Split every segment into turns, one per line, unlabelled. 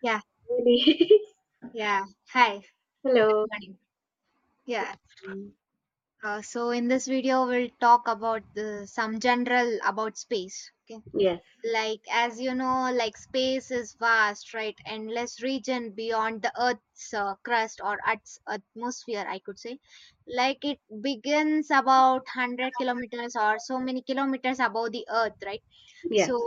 Yeah,
Really?
yeah. Hi.
Hello.
Yeah.
Mm,
So in this video, we'll talk about some general about space. Okay.
yes.
Like as you know, like space is vast, right? Endless region beyond the Earth's crust or Earth's atmosphere, I could say. Like it begins about 100 kilometers or so many kilometers above the Earth, right? So
Yes.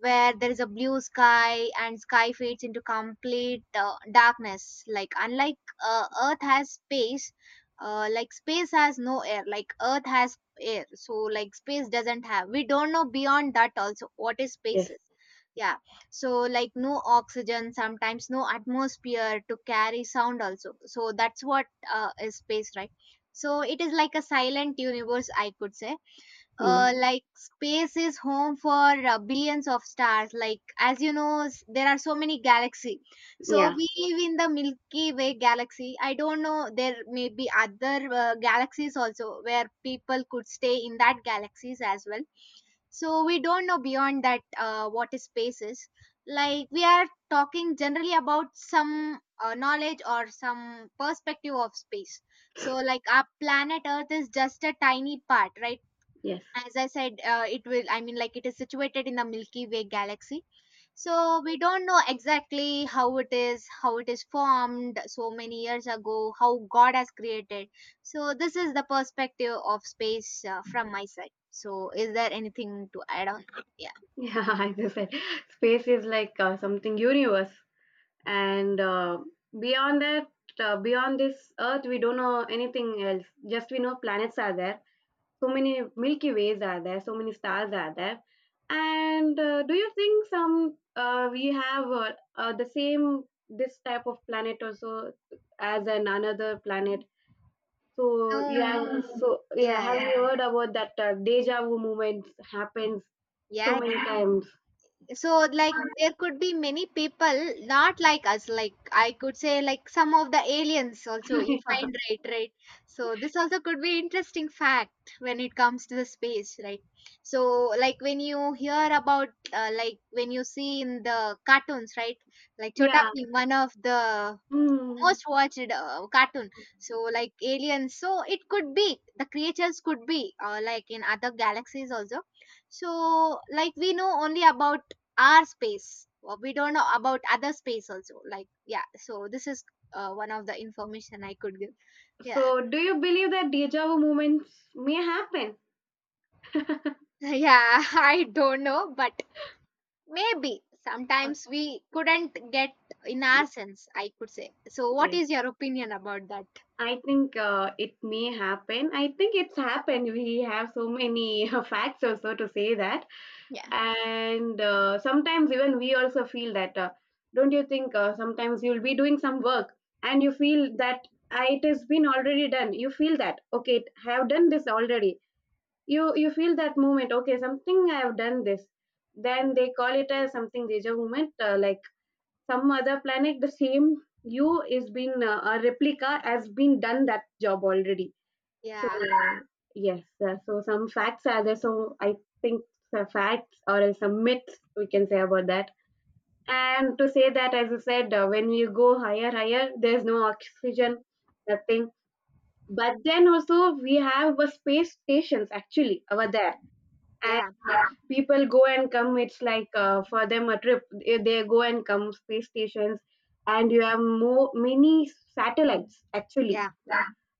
where there is a blue sky and sky fades into complete darkness, like unlike earth has space, like space has no air, like earth has air. So like space doesn't have, we don't know beyond that also what is space
Yes.
is. Yeah. So like no oxygen, sometimes no atmosphere to carry sound also, so that's what is space, right? So it is like a silent universe, I could say.
Mm.
Uh, like space is home for billions of stars. Like as you know, there are so many galaxy. So
Yeah.
we live in the Milky Way galaxy. I don't know, there may be other galaxies also where people could stay in that galaxies as well. So we don't know beyond that what is space is. Like we are talking generally about some knowledge or some perspective of space. So like our planet earth is just a tiny part, right?
Yes.
As I said, it will, I mean, like it is situated in the Milky Way galaxy. So we don't know exactly how it is, how it is formed so many years ago, how God has created. So this is the perspective of space from my side. So is there anything to add on? Yeah.
Yeah. As I said, space is like something universe, and beyond that, beyond this Earth, we don't know anything else. Just we know planets are there. So many Milky Ways are there. So many stars are there. And do you think some we have the same this type of planet also as an another planet? So
No.
yeah, so yeah, have
Yeah.
you heard about that deja vu moment happens so
Yeah.
many times?
So like there could be many people not like us, like I could say, like some of the aliens also you find, right? Right. So this also could be interesting fact when it comes to the space, right? So like when you hear about like when you see in the cartoons, right? Like Chota
Yeah.
Bheem, one of the
Hmm.
most watched cartoon. So like aliens, so it could be the creatures could be like in other galaxies also. So like we know only about our space. Well, we don't know about other space also, like. Yeah, so this is one of the information I could give. Yeah.
So do you believe that deja vu moments may happen?
Yeah, I don't know, but maybe
Uh,
sometimes we couldn't get in our sense, I could say. So what
yeah.
is your opinion about that?
I think it may happen. I think it's happened. We have so many facts also to say that.
Yeah.
And sometimes even we also feel that don't you think sometimes you'll be doing some work and you feel that, "Ah, it has been already done, you feel that okay, I have done this already, you feel that moment, okay, something I have done this, then they call it as something deja moment, like some other planet, the same you is been, a replica has been done that job already. So
Yeah.
yes, so some facts are there. So I think the facts or else some myths we can say about that. And to say that, as you said, when you go higher, higher, there's no oxygen, nothing. But then also we have a space stations actually over there, and
Yeah.
uh, people go and come. It's like for them a trip. They go and come space stations, and you have more many satellites actually
Yeah.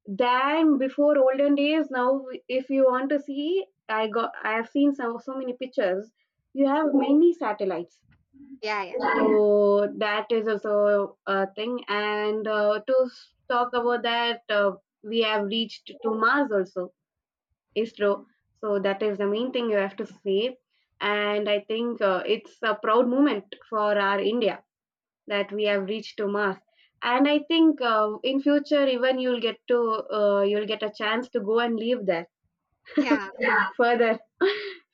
than before olden days, now if you want to see, I have seen so so many pictures. You have many satellites,
Yeah. Yeah.
so that is also a thing. And to talk about that, we have reached to Mars also, ISRO. So that is the main thing you have to say. And I think it's a proud moment for our India that we have reached to Mars. And I think in future, even you'll get to you'll get a chance to go and live there
Yeah.
further.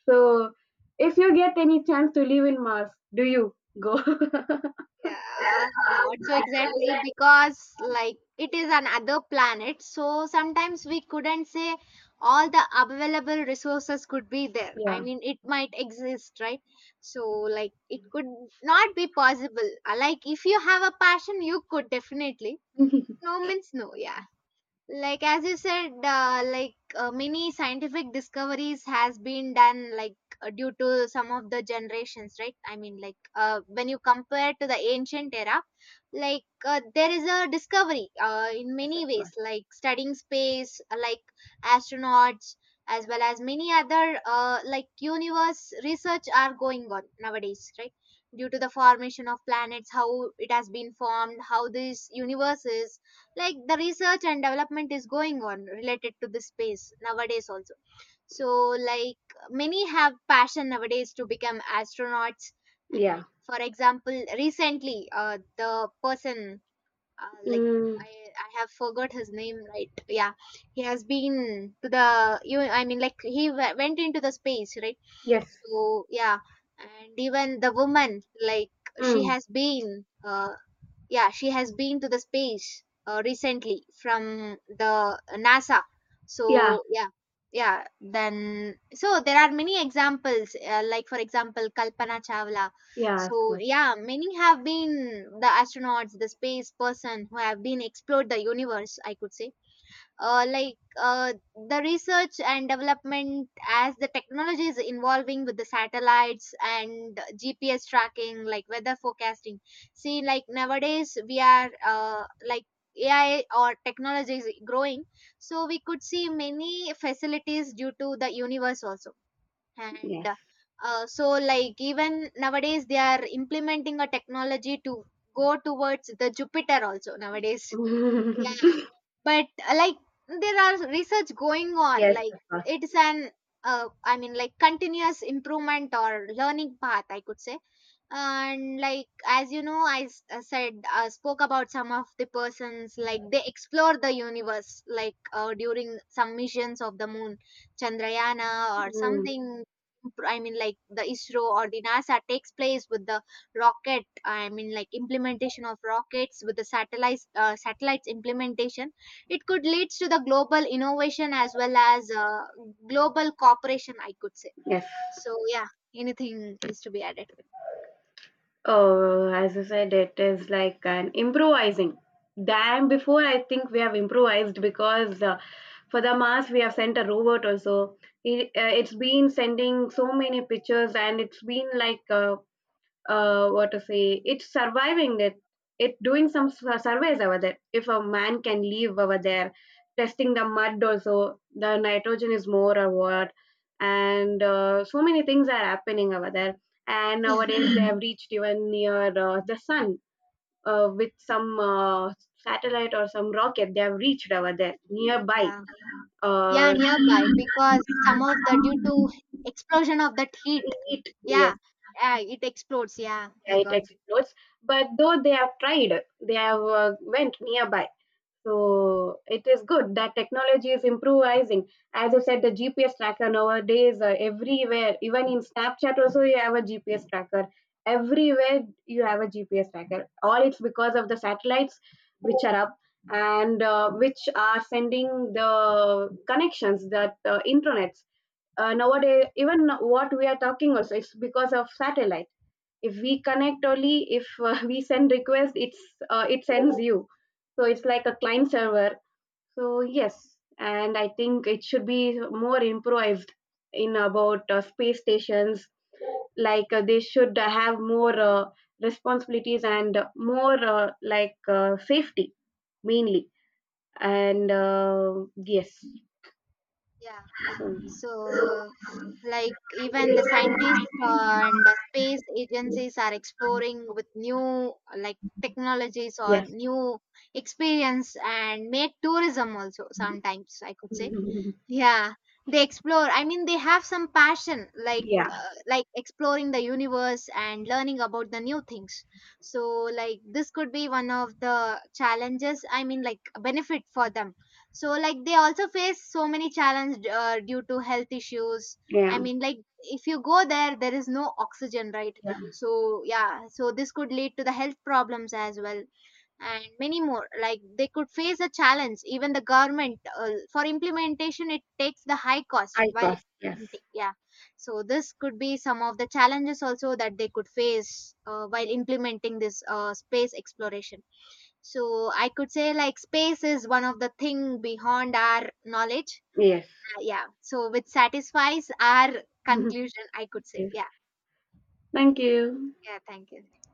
So, if you get any chance to live in Mars, do you go?
Yeah, not so exactly, because like it is another planet, so sometimes we couldn't say all the available resources could be there. I
Yeah,
mean, it might exist, right? So like it could not be possible. Like if you have a passion, you could definitely. No means no. Yeah, like as you said, like, many scientific discoveries has been done, like due to some of the generations, right? I mean, like, when you compare to the ancient era, like, there is a discovery in many ways, like studying space, like astronauts, as well as many other like universe research are going on nowadays, right? Due to the formation of planets, how it has been formed, how this universe is. Like the research and development is going on related to this space nowadays also. So like many have passion nowadays to become astronauts.
yeah,
And for example, recently, the person, like,
mm,
I have forgot his name, right? Yeah, he has been to the, you, I mean, like he went into the space, right?
yes,
So yeah. And even the woman, like, she
mm,
has been yeah, she has been to the space recently from the NASA.
yeah,
So yeah. Yeah, then so there are many examples, like for example Kalpana Chawla.
yeah,
So
of course.
yeah, many have been the astronauts, the space person who have been explored the universe, I could say. uh, like uh, the research and development, as the technology is involving with the satellites and GPS tracking, like weather forecasting. See, like nowadays we are, like AI or technology is growing, so we could see many facilities due to the universe also. And
Yes,
so like even nowadays they are implementing a technology to go towards the Jupiter also nowadays. Yeah, but like, there are research going on,
yes,
like,
of course.
it's an I mean, like continuous improvement or learning path, I could say. And like as you know, I said, spoke about some of the persons, like they explore the universe, like during some missions of the moon, Chandrayana or
Mm,
something. I mean, like the ISRO or the NASA takes place with the rocket, I mean, like implementation of rockets with the satellites, satellites implementation. It could leads to the global innovation as well as global cooperation, I could say.
yes.
So yeah, anything is to be added?
Oh, as I said, it is like an improvising. Than before, I think we have improvised because for the mass we have sent a robot also. It, it's been sending so many pictures and it's been like what to say, it's surviving it. It doing some surveys over there. If a man can live over there, testing the mud also, the nitrogen is more or what, and so many things are happening over there. And
Yeah.
nowadays they have reached even near the sun with some satellite or some rocket. They have reached over there nearby.
Yeah, yeah,
Uh,
nearby, because some of the, due to explosion of that heat,
it,
yeah,
yes.
yeah, it explodes. Yeah, I
Yeah, it
got it.
explodes. But though they have tried, they have went nearby. So it is good that technology is improvising. As I said, the GPS tracker nowadays everywhere, even in Snapchat also you have a GPS tracker. Everywhere you have a GPS tracker. All it's because of the satellites which are up and which are sending the connections that intranets. Nowadays, even what we are talking also is because of satellite, if we connect only if we send request, it's it sends you, so it's like a client server. So yes, and I think it should be more improvised in about space stations, like they should have more responsibilities and more safety mainly, and yes.
Yeah,
So,
so like even the scientists and the space agencies are exploring with new like technologies or
yes.
new experience, and made tourism also sometimes, I could say. Yeah, they explore, I mean, they have some passion like,
Yeah,
like exploring the universe and learning about the new things. So like this could be one of the challenges, I mean, like benefit for them. So like they also face so many challenges due to health issues. I
yeah,
mean, like if you go there, there is no oxygen, right?
yeah,
So yeah, so this could lead to the health problems as well. And many more, like they could face a challenge, even the government for implementation, it takes the high cost
I
while
trust, yes.
implementing. Yeah, so this could be some of the challenges also that they could face while implementing this space exploration. So I could say, like space is one of the thing beyond our knowledge.
Yes.
Yeah, so which satisfies our conclusion, I could say.
Yes.
Yeah.
Thank you.
Yeah, thank you.